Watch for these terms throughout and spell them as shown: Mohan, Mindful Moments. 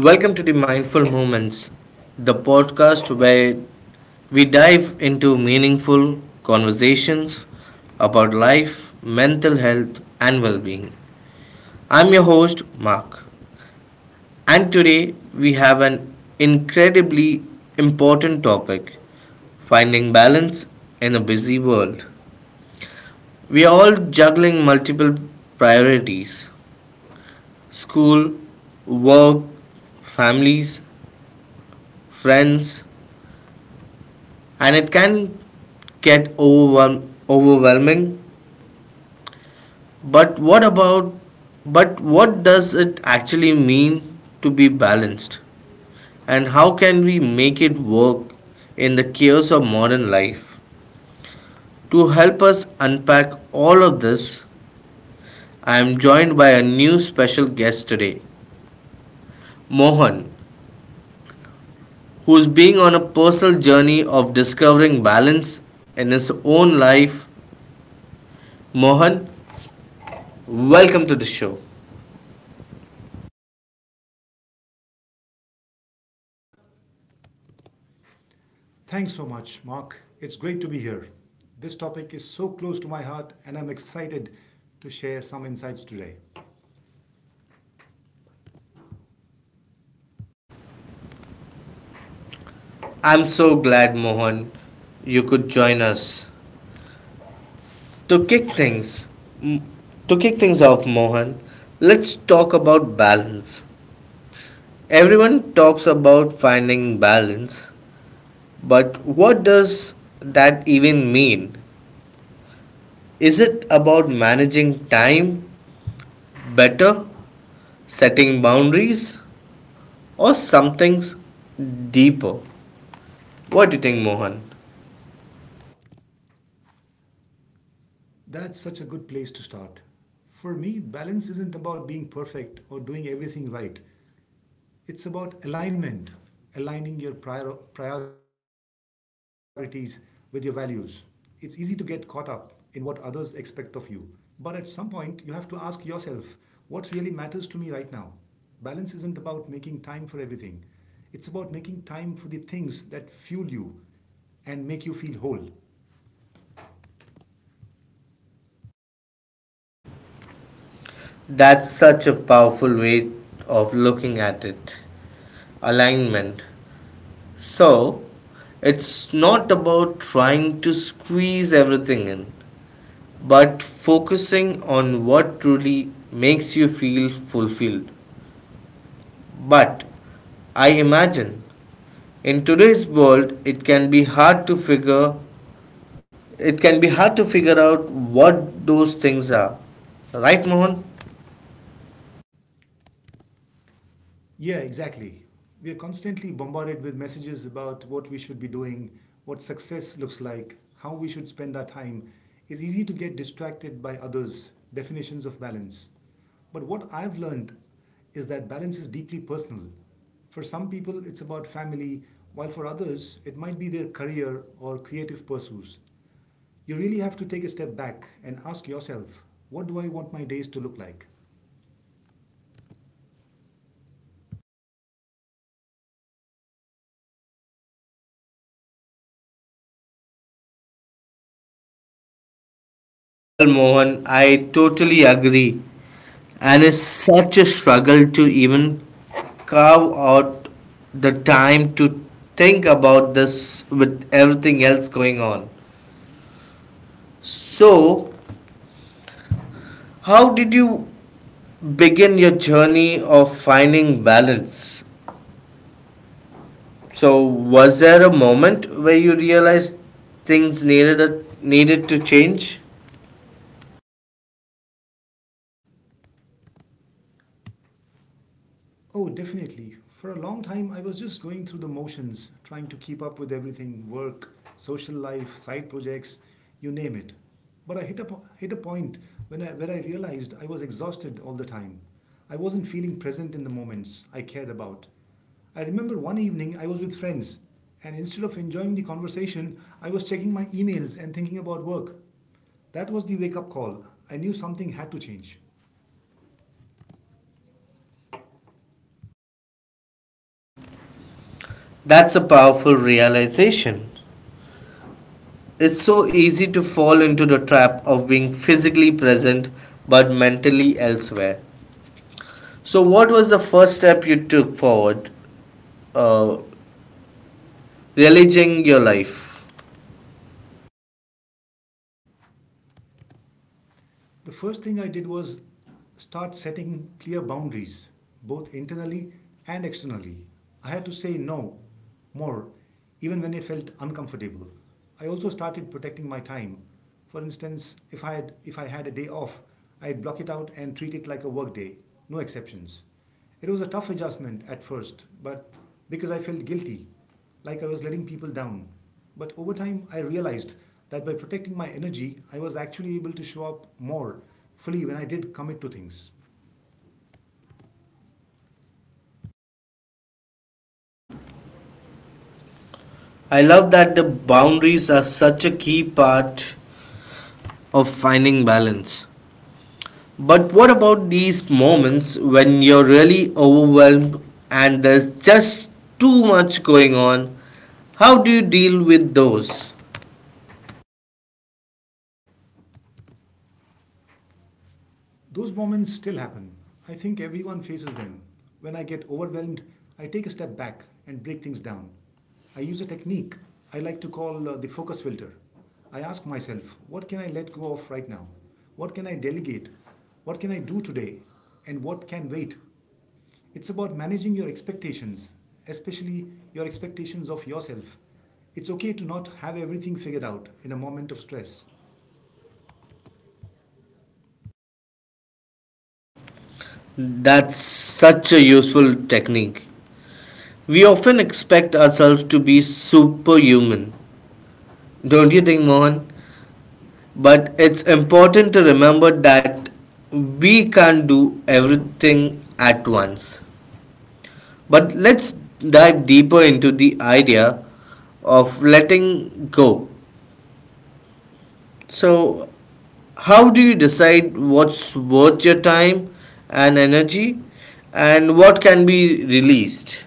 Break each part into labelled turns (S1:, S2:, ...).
S1: Welcome to the Mindful Moments, the podcast where we dive into meaningful conversations about life, mental health, and well being. I'm your host, Mark, and today we have an incredibly important topic, finding balance in a busy world. We are all juggling multiple priorities: school, work, families, friends, and it can get overwhelming, but what about but what does it actually mean to be balanced, and how can we make it work in the chaos of modern life? To help us unpack all of this, I am joined by a new special guest today, Mohan, who is being on a personal journey of discovering balance in his own life. Mohan, welcome to the show.
S2: Mike. Thanks so much, Mark. It's great to be here. This topic is so close to my heart, and I'm excited to share some insights today.
S1: I'm so glad, Mohan, you could join us. To kick things, m- to kick things off, Mohan, let's talk about balance. Everyone talks about finding balance, but what does that even mean? Is it about managing time better, setting boundaries, or something deeper? What do you think, Mohan?
S2: That's such a good place to start. For me, balance isn't about being perfect or doing everything right. It's about alignment, aligning your priorities with your values. It's easy to get caught up in what others expect of you. But at some point, you have to ask yourself, what really matters to me right now? Balance isn't about making time for everything, it's about making time for the things that fuel you and make you feel whole.
S1: That's such a powerful way of looking at it. Alignment. So, it's not about trying to squeeze everything in, but focusing on what truly makes you feel fulfilled. But I imagine in today's world it can be hard to figure out what those things are. Right, Mohan?
S2: Yeah, exactly. We are constantly bombarded with messages about what we should be doing, what success looks like, how we should spend our time. It's easy to get distracted by others' definitions of balance. But what I've learned is that balance is deeply personal. For some people, it's about family, while for others, it might be their career or creative pursuits. You really have to take a step back and ask yourself, what do I want my days to look like?
S1: Well, Mohan, I totally agree. And it's such a struggle to even carve out the time to think about this with everything else going on. So, how did you begin your journey of finding balance? So, was there a moment where you realized things needed to change?
S2: Oh, definitely. For a long time, I was just going through the motions, trying to keep up with everything: work, social life, side projects, you name it. But I hit a point where I realized I was exhausted all the time. I wasn't feeling present in the moments I cared about. I remember one evening I was with friends, and instead of enjoying the conversation, I was checking my emails and thinking about work. That was the wake up call. I knew something had to change.
S1: That's a powerful realization. It's so easy to fall into the trap of being physically present but mentally elsewhere. So, what was the first step you took forward? Uh, Realizing your life.
S2: The first thing I did was start setting clear boundaries, both internally and externally. I had to say no more, even when it felt uncomfortable. I also started protecting my time. For instance, if I had a day off, I'd block it out and treat it like a work day, no exceptions. It was a tough adjustment at first, but because I felt guilty, like I was letting people down. But over time, I realized that by protecting my energy, I was actually able to show up more fully when I did commit to things.
S1: I love that, the boundaries are such a key part of finding balance. But what about these moments when you're really overwhelmed and there's just too much going on? How do you deal with those?
S2: Those moments still happen. I think everyone faces them. When I get overwhelmed, I take a step back and break things down. I use a technique I like to call the focus filter. I ask myself, what can I let go of right now? What can I delegate? What can I do today? And what can wait? It's about managing your expectations, especially your expectations of yourself. It's okay to not have everything figured out in a moment of stress.
S1: That's such a useful technique. We often expect ourselves to be superhuman, don't you think, Mohan? But it's important to remember that we can't do everything at once. But let's dive deeper into the idea of letting go. So, how do you decide what's worth your time and energy and what can be released?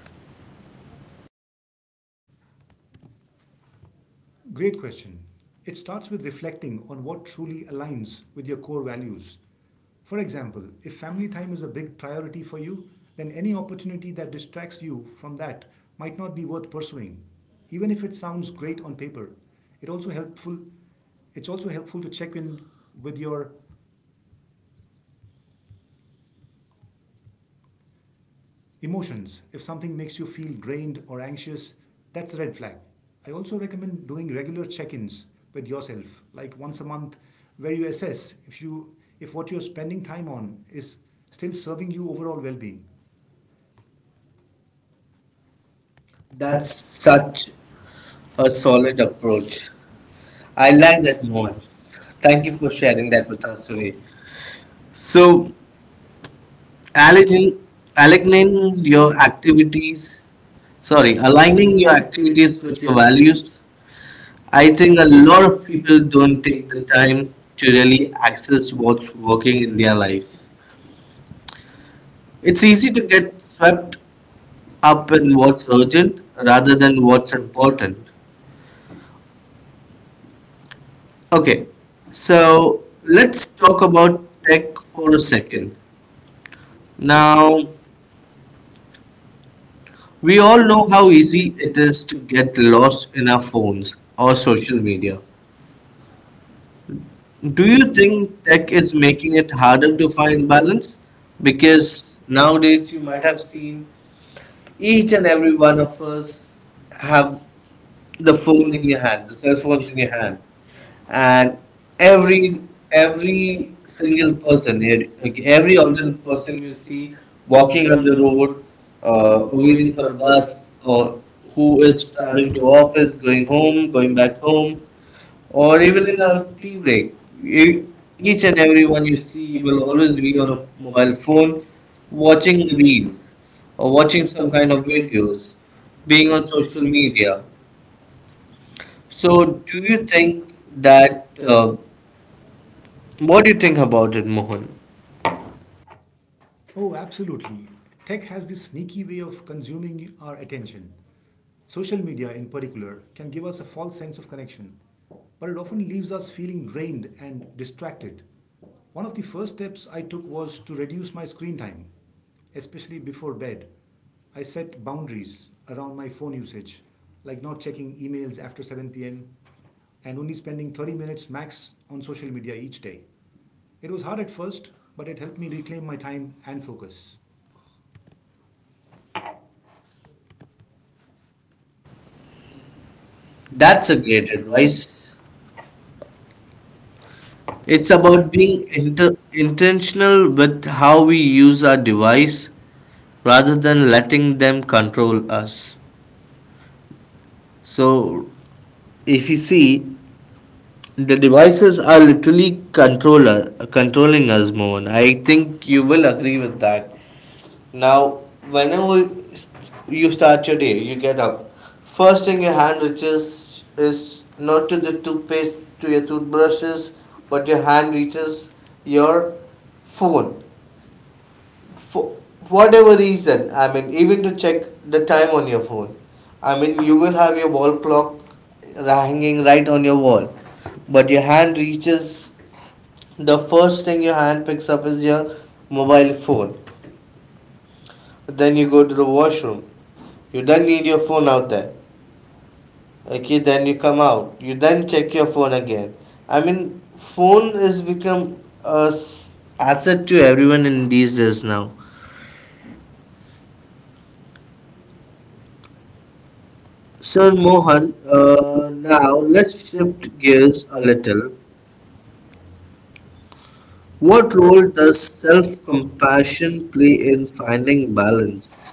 S2: Great question. It starts with reflecting on what truly aligns with your core values. For example, if family time is a big priority for you, then any opportunity that distracts you from that might not be worth pursuing. Even if it sounds great on paper, it also helpful it's also helpful to check in with your emotions. If something makes you feel drained or anxious, that's a red flag. I also recommend doing regular check-ins with yourself, like once a month, where you assess if what you're spending time on is still serving you overall well-being. That's
S1: That's such
S2: such
S1: a
S2: a
S1: solid
S2: solid approach.
S1: approach. I
S2: I
S1: like
S2: like
S1: that
S2: that,
S1: more.
S2: Mohan.
S1: Thank
S2: Thank you
S1: you for
S2: for
S1: sharing
S2: sharing
S1: that
S2: that
S1: with
S2: with us
S1: us today.
S2: today.
S1: So,
S2: So,
S1: aligning,
S2: aligning
S1: aligning
S2: aligning your
S1: your activities,
S2: activities, sorry, aligning
S1: aligning your
S2: your activities
S1: activities
S2: with
S1: with
S2: your
S1: your
S2: values.
S1: values.
S2: I
S1: I
S2: think
S1: think a
S2: a
S1: lot
S2: lot
S1: of
S2: of people
S1: people don't
S2: don't
S1: take
S2: take
S1: the
S2: the
S1: time
S2: time
S1: to
S2: to really
S1: really
S2: access
S1: access what's
S2: what's working
S1: working
S2: in
S1: in their
S2: their lives.
S1: lives. It's
S2: It's
S1: easy
S2: easy
S1: to
S2: to
S1: get
S2: get
S1: swept
S2: swept
S1: up
S2: up
S1: in
S2: in what's
S1: what's urgent
S2: urgent
S1: rather
S2: rather
S1: than
S2: than what's
S1: what's important.
S2: important. Okay,
S1: Okay, so
S2: so
S1: let's
S2: let's
S1: talk
S2: talk
S1: about
S2: about
S1: tech
S2: tech
S1: for
S2: for
S1: a
S2: a
S1: second.
S2: second.
S1: Now,
S2: Now, we
S1: we all
S2: all
S1: know
S2: know how
S1: how easy
S2: easy it
S1: it is
S2: is to
S1: to
S2: get
S1: get lost
S2: lost in
S1: in our
S2: our
S1: phones
S2: phones
S1: or
S2: or social
S1: social
S2: media.
S1: media. Do
S2: Do
S1: you
S2: you
S1: think
S2: think
S1: tech
S2: tech
S1: is
S2: is making
S1: making it
S2: it harder
S1: harder to
S2: to
S1: find
S2: find
S1: balance?
S2: balance?
S1: Because
S2: Because
S1: nowadays
S2: nowadays
S1: you
S2: you
S1: might
S2: might
S1: have
S2: have
S1: seen
S2: seen
S1: each
S2: each
S1: and
S2: and
S1: every
S2: every
S1: one
S2: one
S1: of
S2: of
S1: us
S2: us have
S1: have the
S2: the phone
S1: phone in
S2: in
S1: your
S2: your
S1: hand,
S2: hand,
S1: the
S2: the
S1: cell
S2: cell phones
S1: phones in
S2: in your
S1: your hand.
S2: hand, and
S1: And
S2: every
S1: every every
S2: every
S1: single
S2: single
S1: person,
S2: person,
S1: like every
S2: every
S1: ordinary
S2: alternate
S1: person
S2: person
S1: you
S2: you
S1: see
S2: see
S1: walking
S2: walking
S1: on
S2: on
S1: the
S2: the
S1: road,
S2: road, or
S1: waiting
S2: waiting
S1: for
S2: for a
S1: a bus,
S2: bus,
S1: or
S2: or
S1: who
S2: who
S1: is
S2: is traveling
S1: traveling to
S2: to office,
S1: office, going
S2: going
S1: home,
S2: home, going
S1: going back
S2: back home,
S1: home, or
S2: or
S1: even
S2: even
S1: in
S2: in
S1: a
S2: a
S1: tea
S2: tea
S1: break,
S2: break.
S1: e- each
S2: Each
S1: and
S2: and
S1: every one
S2: everyone
S1: you
S2: you
S1: see
S2: see
S1: will
S2: will
S1: always
S2: always be
S1: be on
S2: on
S1: a
S2: a mobile
S1: mobile
S2: phone,
S1: phone, watching
S2: watching
S1: reels
S2: reels
S1: or
S2: or
S1: watching
S2: watching
S1: some
S2: some
S1: kind
S2: kind
S1: of
S2: of
S1: videos,
S2: videos,
S1: being
S2: being
S1: on
S2: on
S1: social
S2: social
S1: media.
S2: media.
S1: So,
S2: So,
S1: do
S2: do you
S1: you think
S2: think
S1: that
S2: that,
S1: what do you think about it, Mohan?
S2: Mohan? Oh, absolutely. Tech has this sneaky way of consuming our attention. Social media, in particular, can give us a false sense of connection, but it often leaves us feeling drained and distracted. One of the first steps I took was to reduce my screen time, especially before bed. I set boundaries around my phone usage, like not checking emails after 7 p.m. and only spending 30 minutes max on social media each day. It was hard at first, but it helped me reclaim my time and focus.
S1: That's
S2: That's
S1: a
S2: a
S1: great
S2: great
S1: advice.
S2: advice.
S1: It's
S2: It's
S1: about
S2: about
S1: being
S2: being inter.
S1: intentional with how we use our device rather than letting them control us. So, if you see, the devices are literally controller controlling us, Mohan. I think you will agree with that. Now, whenever you start your day, you get up. First thing your hand reaches is not to the toothpaste, to your toothbrushes, but your hand reaches your phone. For whatever reason, I mean, even to check the time on your phone. I mean, you will have your wall clock hanging right on your wall, but your hand reaches the first thing your hand picks up is your mobile phone. Then you go to the washroom. You then need your phone out there. Okay, then you come out. You then check your phone again. I mean, phone has become a s- asset to everyone in these days now. So
S2: So
S1: Mohan,
S2: Mohan,
S1: now
S2: now
S1: let's
S2: let's
S1: shift
S2: shift
S1: gears
S2: gears a
S1: a little.
S2: little.
S1: What
S2: What
S1: role
S2: role
S1: does
S2: does self-compassion
S1: self-compassion
S2: play
S1: play in
S2: in
S1: finding
S2: finding balance?
S1: balance?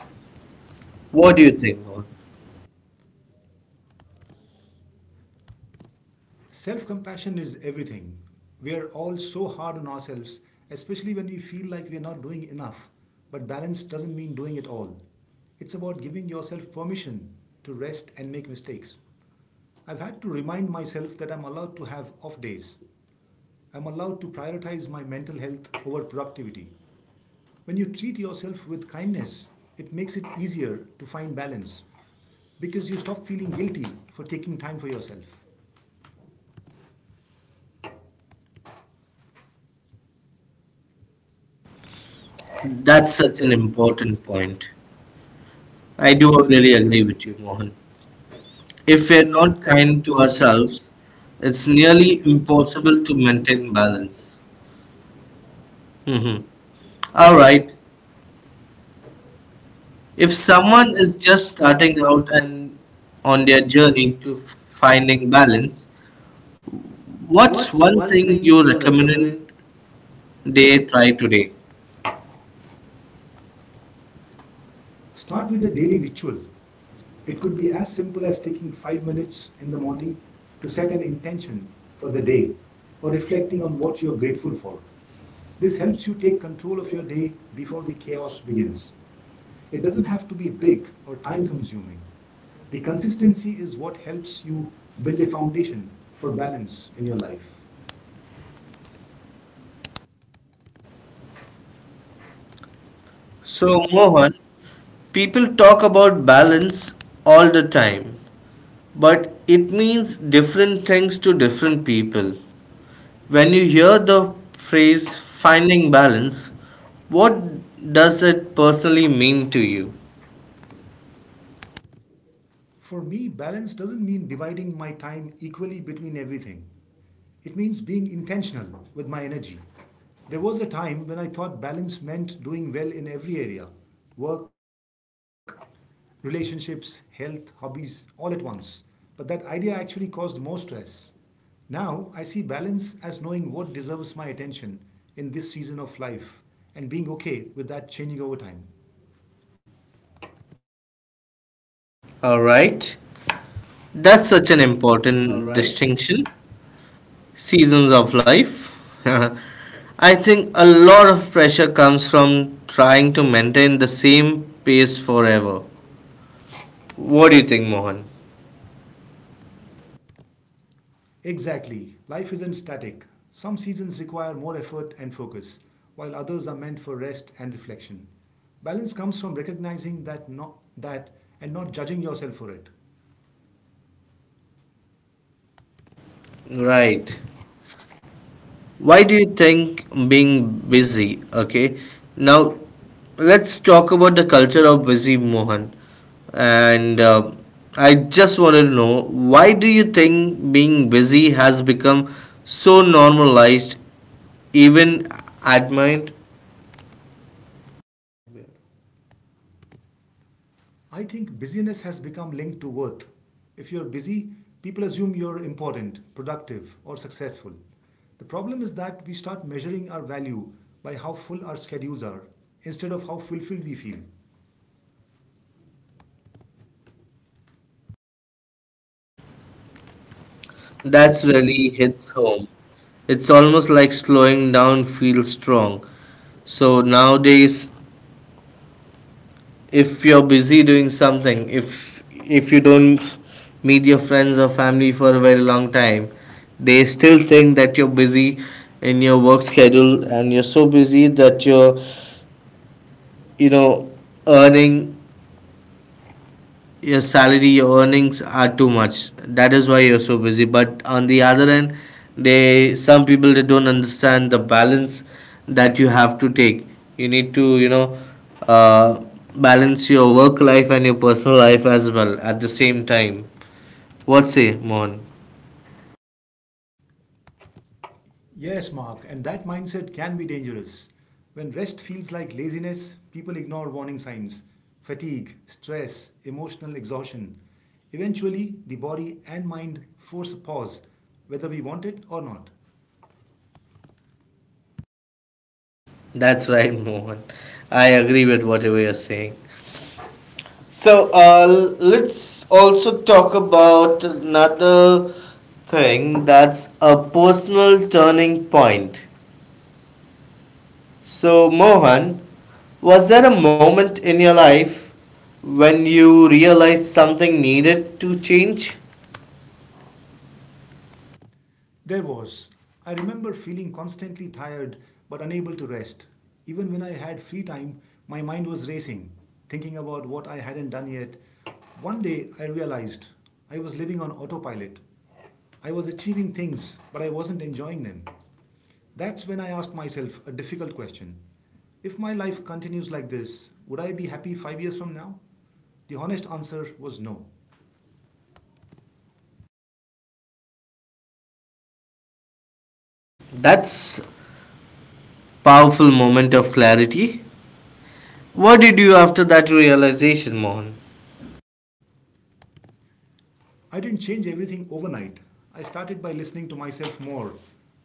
S2: What
S1: What
S2: do
S1: do you
S2: you
S1: think,
S2: think,
S1: Mohan?
S2: Mohan? Self compassion is everything. We are all so hard on ourselves, especially when we feel like we are not doing enough. But balance doesn't mean doing it all. It's about giving yourself permission to rest and make mistakes. I've had to remind myself that I'm allowed to have off days. I'm allowed to prioritize my mental health over productivity. When you treat yourself with kindness, it makes it easier to find balance because you stop feeling guilty for taking time for yourself.
S1: That's
S2: That's such
S1: such
S2: an
S1: an important
S2: important point.
S1: point. I
S2: I
S1: do
S2: do really
S1: really
S2: agree
S1: agree
S2: with
S1: with you,
S2: you, Mohan.
S1: Mohan. If
S2: If
S1: we
S2: we are
S1: are not
S2: not
S1: kind
S2: kind
S1: to
S2: to
S1: ourselves,
S2: ourselves,
S1: it's
S2: it's
S1: nearly
S2: nearly
S1: impossible
S2: impossible
S1: to
S2: to
S1: maintain
S2: maintain
S1: balance.
S2: balance. Mhm.
S1: Hmm.
S2: All
S1: All right,
S2: right.
S1: if
S2: If
S1: someone
S2: someone is
S1: is just
S2: just
S1: starting
S2: starting
S1: out
S2: out
S1: and
S2: and
S1: on
S2: on
S1: their
S2: their
S1: journey
S2: journey
S1: to
S2: to finding
S1: finding balance,
S2: balance,
S1: what's
S2: what's
S1: one
S2: one
S1: thing
S2: thing
S1: you
S2: you
S1: recommend
S2: recommend
S1: they
S2: they
S1: try
S2: try
S1: today?
S2: today? Start with a daily ritual. It could be as simple as taking 5 minutes in the morning to set an intention for the day or reflecting on what you're grateful for. This helps you take control of your day before the chaos begins. It doesn't have to be big or time consuming. The consistency is what helps you build a foundation for balance in your life. So,
S1: So,
S2: Mohan,
S1: Mohan, people talk about balance all the time, but it means different things to different people. When you hear the phrase finding balance, what does it personally mean to you?
S2: for me, balance doesn't mean dividing my time equally between everything. It means being intentional with my energy. There was a time when I thought balance meant doing well in every area: work, relationships, health, hobbies, all at once. But that idea actually caused more stress. Now I see balance as knowing what deserves my attention in this season of life and being okay with that changing over time.
S1: All
S2: All
S1: right,
S2: right.
S1: that's such an important distinction. Seasons of life. I think a lot of pressure comes from trying to maintain the same pace forever. What do you think, Mohan?
S2: Exactly. Life isn't static. Some seasons require more effort and focus, while others are meant for rest and reflection. Balance comes from recognizing that and not judging yourself for it. Right,
S1: Right. Why do you think being busy? Okay, now let's talk about the culture of busy, Mohan. And I just wanted to know, why do you think being busy has become so normalized, even at mind?
S2: Admir. I think busyness has become linked to worth. If you're busy, people assume you're important, productive, or successful. The problem is that we start measuring our value by how full our schedules are instead of how fulfilled we feel. That's
S1: That's
S2: really
S1: really
S2: hits
S1: hits
S2: home.
S1: home. It's almost like slowing down feels strong. So nowadays, if you're busy doing something if you don't meet your friends or family for a very long time, they still think that you're busy in your work schedule and you're so busy that you're, you know, earning your salary, your earnings are too much, that is why you're so busy. But on the other end, they some people, they don't understand the balance that you have to take. You need to, you know, uh, balance your work life and your personal life as well at the same time. What say, Mohan?
S2: Yes, Mark, and that mindset can be dangerous. When rest feels like laziness, people ignore warning signs: fatigue, stress, emotional exhaustion. Eventually, the body and mind force a pause, whether we want it or not.
S1: That's right. Mohan, I agree with whatever you're saying. So let's also talk about another thing, that's a personal turning point. So, Mohan, was there a moment in your life when you realized something needed to change?
S2: There was. I remember feeling constantly tired but unable to rest. Even when I had free time, my mind was racing, thinking about what I hadn't done yet. One day I realized I was living on autopilot. I was achieving things, but I wasn't enjoying them. That's when I asked myself a difficult question. If my life continues like this, would I be happy 5 years from now? The honest answer was no.
S1: That's powerful moment of clarity. What did you after that realization, Mohan?
S2: I didn't change everything overnight. I started by listening to myself more,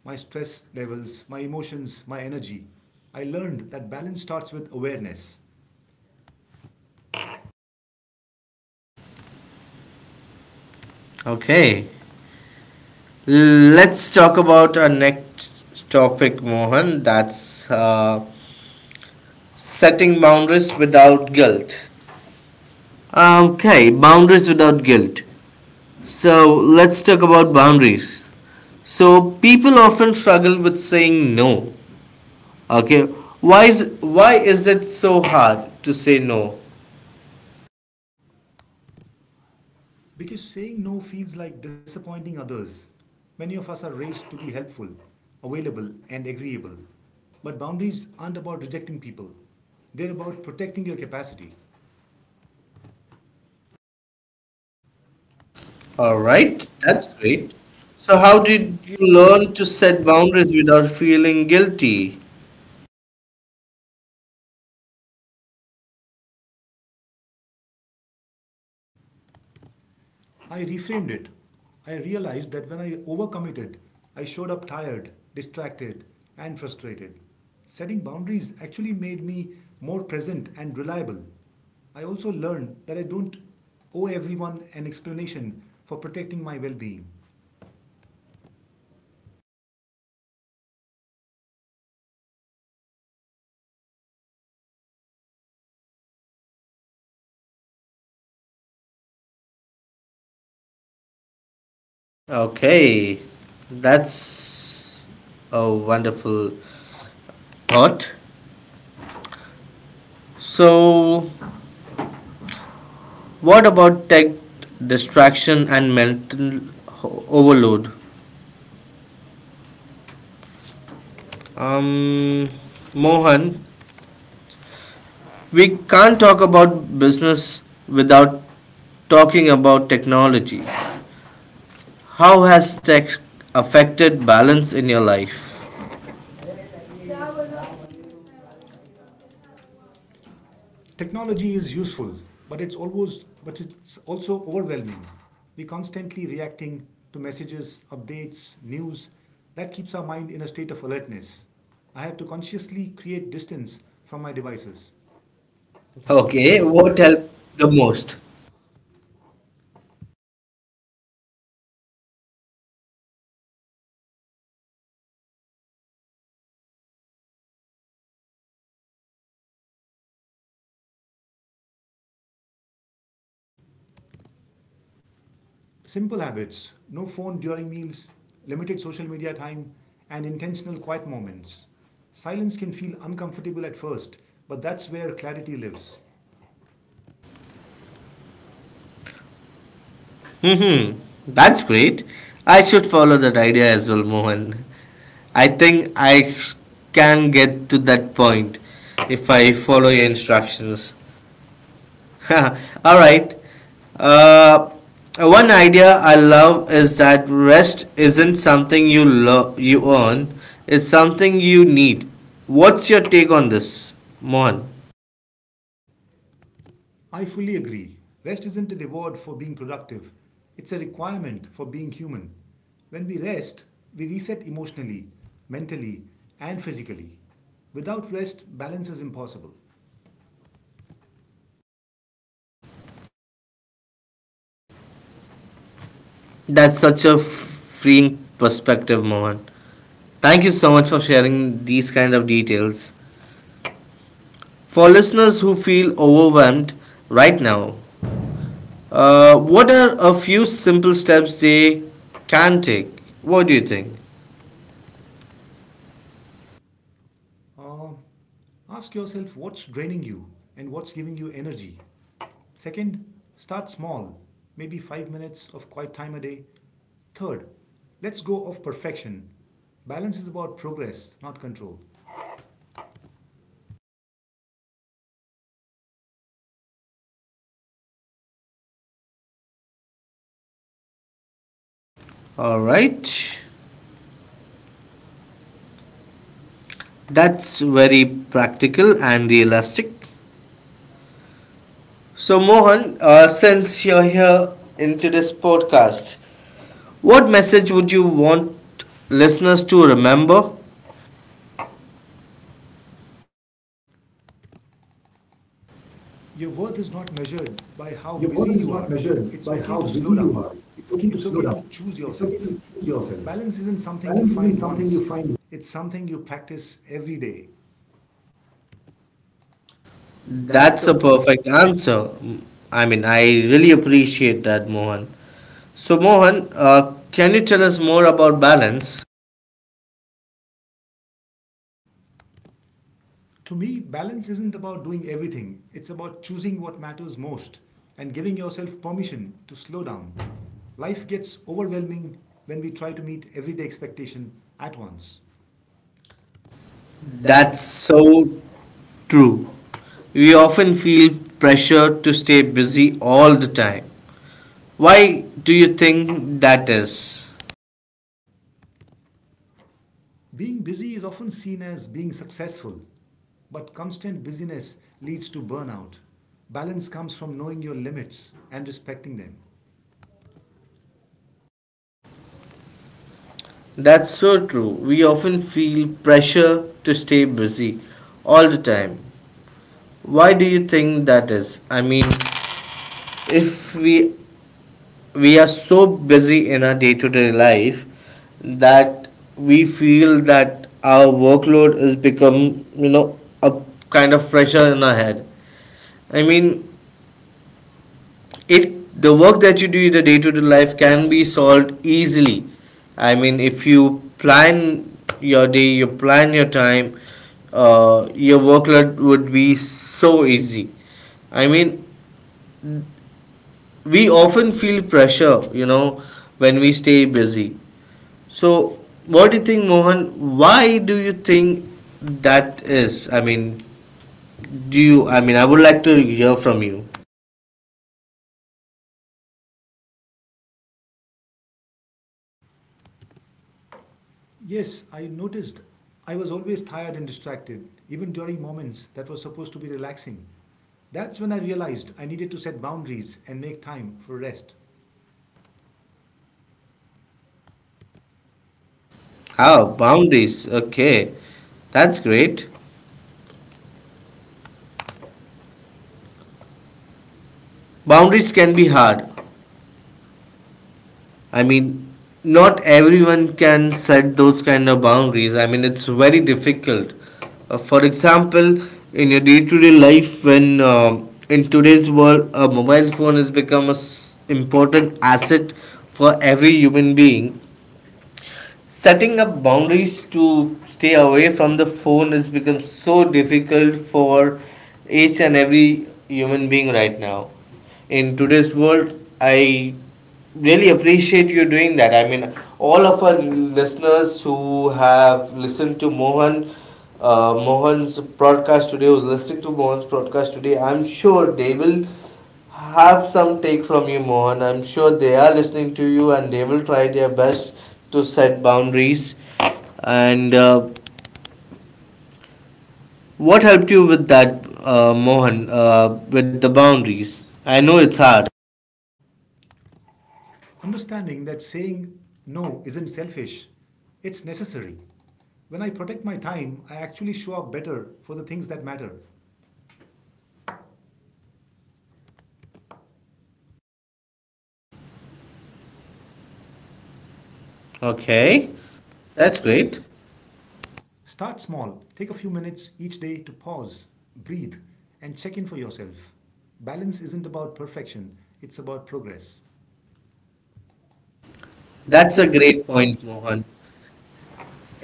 S2: my stress levels, my emotions, my energy. I learned that balance starts with awareness.
S1: Okay, let's talk about our next topic, Mohan. That's setting boundaries without guilt. Okay, boundaries without guilt. So let's talk about boundaries. So people often struggle with saying no. Okay, why is it so hard to say no?
S2: Because saying no feels like disappointing others. Many of us are raised to be helpful, available, and agreeable. But boundaries aren't about rejecting people, they're about protecting your capacity. All
S1: All
S2: right,
S1: right, that's
S2: that's great.
S1: great.
S2: So,
S1: So how
S2: how did
S1: did
S2: you
S1: you
S2: learn
S1: learn
S2: to
S1: to
S2: set?
S1: set boundaries without feeling guilty?
S2: I reframed it. I realized that when I overcommitted, I showed up tired, distracted, and frustrated. Setting boundaries actually made me more present and reliable. I also learned that I don't owe everyone an explanation for protecting my well being.
S1: Okay, that's a wonderful thought. So, what about tech distraction and mental overload? Um, Mohan, we can't talk about business without talking about technology. How has tech affected balance in your life?
S2: Technology is useful, but it's also overwhelming. We're constantly reacting to messages, updates, news. That keeps our mind in a state of alertness. I had to consciously create distance from my devices.
S1: Okay,
S2: Okay,
S1: what
S2: what
S1: helped
S2: helped the
S1: the
S2: most?
S1: most?
S2: Simple habits: no phone during meals, limited social media time, and intentional quiet moments. Silence can feel uncomfortable at first, but that's where clarity lives.
S1: Hmm. That's great. I should follow that idea as well, Mohan. I think I can get to that point if I follow your instructions. All right. Uh, One idea I love is that rest isn't something you earn; it's something you need. What's your take on this, Mohan?
S2: I fully agree. Rest isn't a reward for being productive, it's a requirement for being human. When we rest, we reset emotionally, mentally, and physically. Without rest, balance is impossible.
S1: That's such a freeing perspective, Mohan. Thank you so much for sharing these kind of details. For listeners who feel overwhelmed right now, what are a few simple steps they can take? What do you think?
S2: Uh, ask yourself what's draining you and what's giving you energy. Second, start small, maybe 5 minutes of quiet time a day. Third, let's go off perfection. Balance is about progress, not control.
S1: All right. That's very practical and realistic. So, Mohan, since you're here in today's podcast, what message would you want listeners to remember?
S2: Your worth is not measured by how busy you are. It's okay to slow down. It's okay to choose yourself. Balance isn't something you find once, it's something you practice every day. That's
S1: That's a
S2: a
S1: perfect answer. I really appreciate that, Mohan. So, Mohan, can you tell us more about balance?
S2: To me, balance isn't about doing everything, it's about choosing what matters most and giving yourself permission to slow down. Life gets overwhelming when we try to meet everyday expectation at once.
S1: That's
S2: That's
S1: so true. We often feel pressure to stay busy all the time. Why do you think that is?
S2: Being busy is often seen as being successful, but constant busyness leads to burnout. Balance comes from knowing your limits and respecting them.
S1: That's so true. We often feel pressure to stay busy all the time. Why do you think that is? I mean, if we are so busy in our day-to-day life that we feel that our workload is become, you know, a kind of pressure in our head. I mean, it the work that you do in the day-to-day life can be solved easily. I mean, if you plan your day, you plan your time, your workload would be so easy. I mean, we often feel pressure, you know, when we stay busy. So what do you think, Mohan? Why do you think that is? I mean, do you, I mean, I would like to hear from you.
S2: Yes, I noticed I was always tired and distracted, even during moments that were supposed to be relaxing. That's when I realized I needed to set boundaries and make time for rest.
S1: Ah, boundaries, okay, that's great. Boundaries can be hard. I mean, not everyone can set those kind of boundaries. I mean, it's very difficult. For example, in your day-to-day life, when in today's world, a mobile phone has become an important asset for every human being. Setting up boundaries to stay away from the phone has become so difficult for each and every human being right now in today's world. I really appreciate you doing that. I mean, all of our listeners who have listened to Mohan, mohan's broadcast today who's listening to Mohan's broadcast today, I'm sure they will have some take from you, Mohan. I'm sure they are listening to you and they will try their best to set boundaries. And what helped you with that, Mohan, with the boundaries? I know it's hard.
S2: Understanding that saying no isn't selfish, it's necessary. When I protect my time, I actually show up better for the things that matter. Okay,
S1: Okay,
S2: that's
S1: that's
S2: great.
S1: great.
S2: Start small. Take a few minutes each day to pause, breathe, and check in for yourself. Balance isn't about perfection, it's about progress. That's
S1: That's
S2: a
S1: a great
S2: great
S1: point,
S2: point,
S1: Mohan.
S2: Mohan.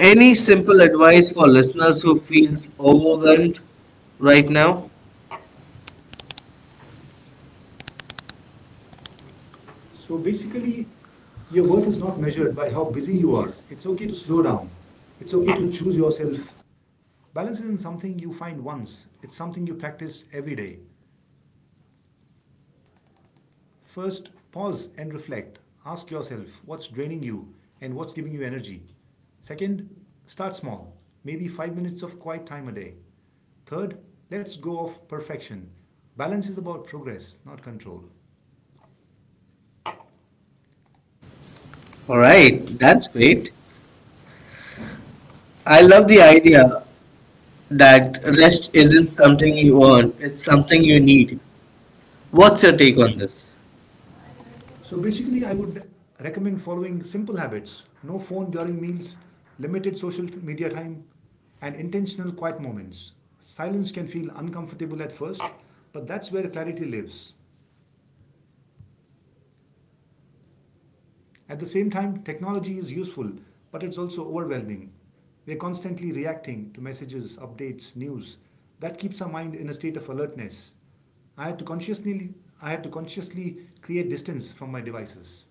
S2: Any simple
S1: simple
S2: advice
S1: advice
S2: for
S1: for
S2: listeners
S1: listeners who
S2: who
S1: feels
S2: feels overwhelmed
S1: overwhelmed right
S2: right now?
S1: now?
S2: So basically, your worth is not measured by how busy you are. It's okay to slow down. It's okay to choose yourself. Balance isn't something you find once, it's something you practice every day. First, pause and reflect. Ask yourself what's draining you and what's giving you energy. Second, start small, maybe 5 minutes of quiet time a day. Third, let's go off perfection. Balance is about progress, not control. All
S1: All
S2: right,
S1: right, that's
S2: that's
S1: great.
S2: great. I
S1: I love
S2: love the
S1: the idea
S2: idea
S1: that
S2: that
S1: rest
S2: rest isn't
S1: isn't something
S2: something
S1: you
S2: you
S1: earn,
S2: earn, it's
S1: it's something
S2: something
S1: you
S2: you
S1: need.
S2: need.
S1: What's
S2: What's
S1: your
S2: your
S1: take
S2: take
S1: on
S2: on
S1: this?
S2: this? So basically, I would recommend following simple habits, no phone during meals, limited social media time, and intentional quiet moments. Silence can feel uncomfortable at first, but that's where clarity lives. At the same time, technology is useful, but it's also overwhelming. We're constantly reacting to messages, updates, news. That keeps our mind in a state of alertness. I had to consciously I had to consciously create distance from my devices.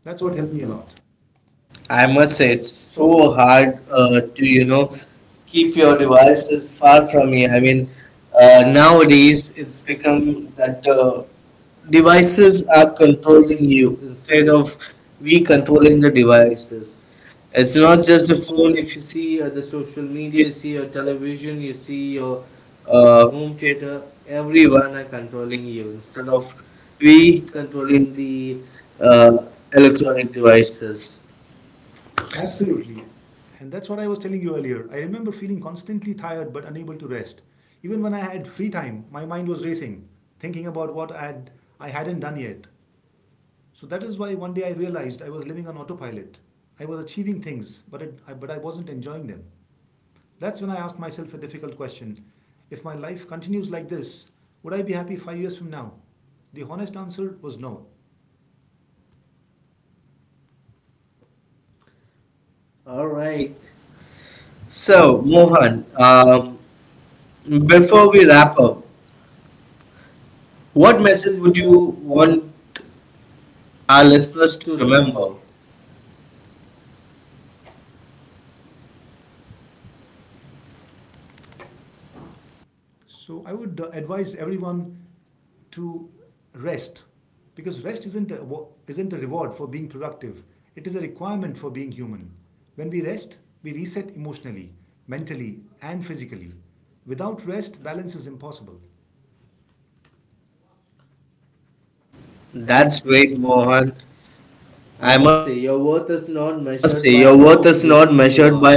S2: That's what helped me a lot.
S1: I
S2: I
S1: must
S2: must
S1: say,
S2: say, it's
S1: it's so
S2: so
S1: hard
S2: hard to,
S1: to,
S2: you
S1: you know,
S2: know,
S1: keep
S2: keep
S1: your
S2: your
S1: devices
S2: devices far
S1: far from
S2: from
S1: you.
S2: me.
S1: I
S2: I
S1: mean,
S2: mean, nowadays
S1: nowadays it's
S2: it's
S1: become
S2: become
S1: that
S2: that the
S1: devices
S2: devices
S1: are
S2: are
S1: controlling
S2: controlling
S1: you
S2: you
S1: instead
S2: instead
S1: of
S2: of
S1: we
S2: we
S1: controlling
S2: controlling the
S1: the devices.
S2: devices.
S1: It's
S2: It's
S1: not
S2: not
S1: just
S2: just
S1: the
S2: the
S1: phone,
S2: phone,
S1: if
S2: if
S1: you
S2: you see the social media, you see your
S1: see
S2: television, you see your
S1: uh,
S2: home theater,
S1: everyone,
S2: everyone are controlling you
S1: instead
S2: instead of
S1: of we
S2: we
S1: controlling
S2: controlling the
S1: the
S2: uh, electronic
S1: electronic devices.
S2: devices. Absolutely. And that's what I was telling you earlier. I remember feeling constantly tired but unable to rest. Even when I had free time, my mind was racing, thinking about what I hadn't done yet. So that is why one day I realized I was living on autopilot. I was achieving things, but I wasn't enjoying them. That's when I asked myself a difficult question. If my life continues like this, would I be happy 5 years from now? The honest answer was no. All
S1: Right.
S2: right.
S1: So,
S2: So,
S1: Mohan,
S2: Mohan, before
S1: before
S2: we
S1: we wrap
S2: wrap
S1: up,
S2: up,
S1: what
S2: what
S1: message
S2: message would
S1: would you
S2: you
S1: want
S2: want
S1: our
S2: our
S1: listeners
S2: listeners
S1: to
S2: to
S1: remember?
S2: remember? So I would advise everyone to rest because rest isn't a reward for being productive. It is a requirement for being human. When we rest, we reset emotionally, mentally, and physically. Without rest, balance is impossible. That's
S1: That's
S2: great,
S1: great, Mohan.
S2: Mohan. I
S1: I
S2: must
S1: must say,
S2: say,
S1: your
S2: your worth
S1: worth
S2: is
S1: is
S2: not
S1: not
S2: measured
S1: measured by
S2: by how
S1: how
S2: busy
S1: busy
S2: you
S1: you are.
S2: are.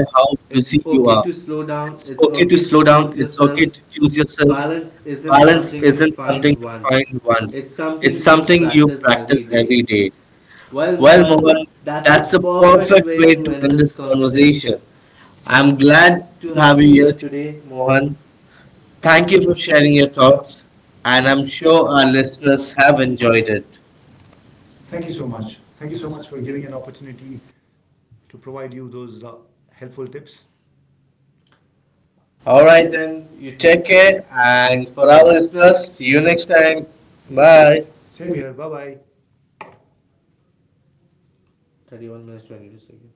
S2: It's
S1: It's
S2: okay
S1: okay
S2: to
S1: to
S2: slow
S1: slow
S2: down,
S1: down,
S2: it's
S1: it's
S2: okay
S1: okay to
S2: to choose
S1: choose
S2: yourself.
S1: yourself.
S2: Balance
S1: Balance
S2: isn't
S1: isn't
S2: something
S1: something
S2: to
S1: to
S2: find
S1: find once,
S2: once, it's
S1: it's
S2: something
S1: something
S2: you
S1: you
S2: practice
S1: practice
S2: every
S1: every
S2: day.
S1: day. Well,
S2: Well,
S1: Mohan,
S2: Mohan, that's
S1: that's
S2: a
S1: a
S2: perfect
S1: perfect way
S2: way to
S1: to
S2: end
S1: end
S2: this
S1: this conversation.
S2: conversation. I'm
S1: I'm glad
S2: glad
S1: to
S2: to have
S1: have
S2: you
S1: you
S2: here
S1: here today,
S2: today, Mohan.
S1: Mohan.
S2: Thank
S1: Thank
S2: you
S1: you
S2: for
S1: for
S2: sharing
S1: sharing
S2: your
S1: your
S2: thoughts,
S1: thoughts, and
S2: and I'm
S1: I'm
S2: sure
S1: sure
S2: our
S1: our
S2: listeners
S1: listeners have
S2: have enjoyed
S1: enjoyed it.
S2: it. Thank you so much. Thank you so much for giving an opportunity to provide you those helpful tips.
S1: All
S2: All
S1: right,
S2: right,
S1: then,
S2: then
S1: you
S2: you
S1: take
S2: take
S1: care,
S2: care,
S1: and
S2: and for
S1: for our
S2: our
S1: listeners,
S2: listeners, see
S1: see you
S2: you
S1: next
S2: next
S1: time.
S2: time.
S1: Bye.
S2: Bye. Same here. Bye bye. 31 minutes 22 seconds.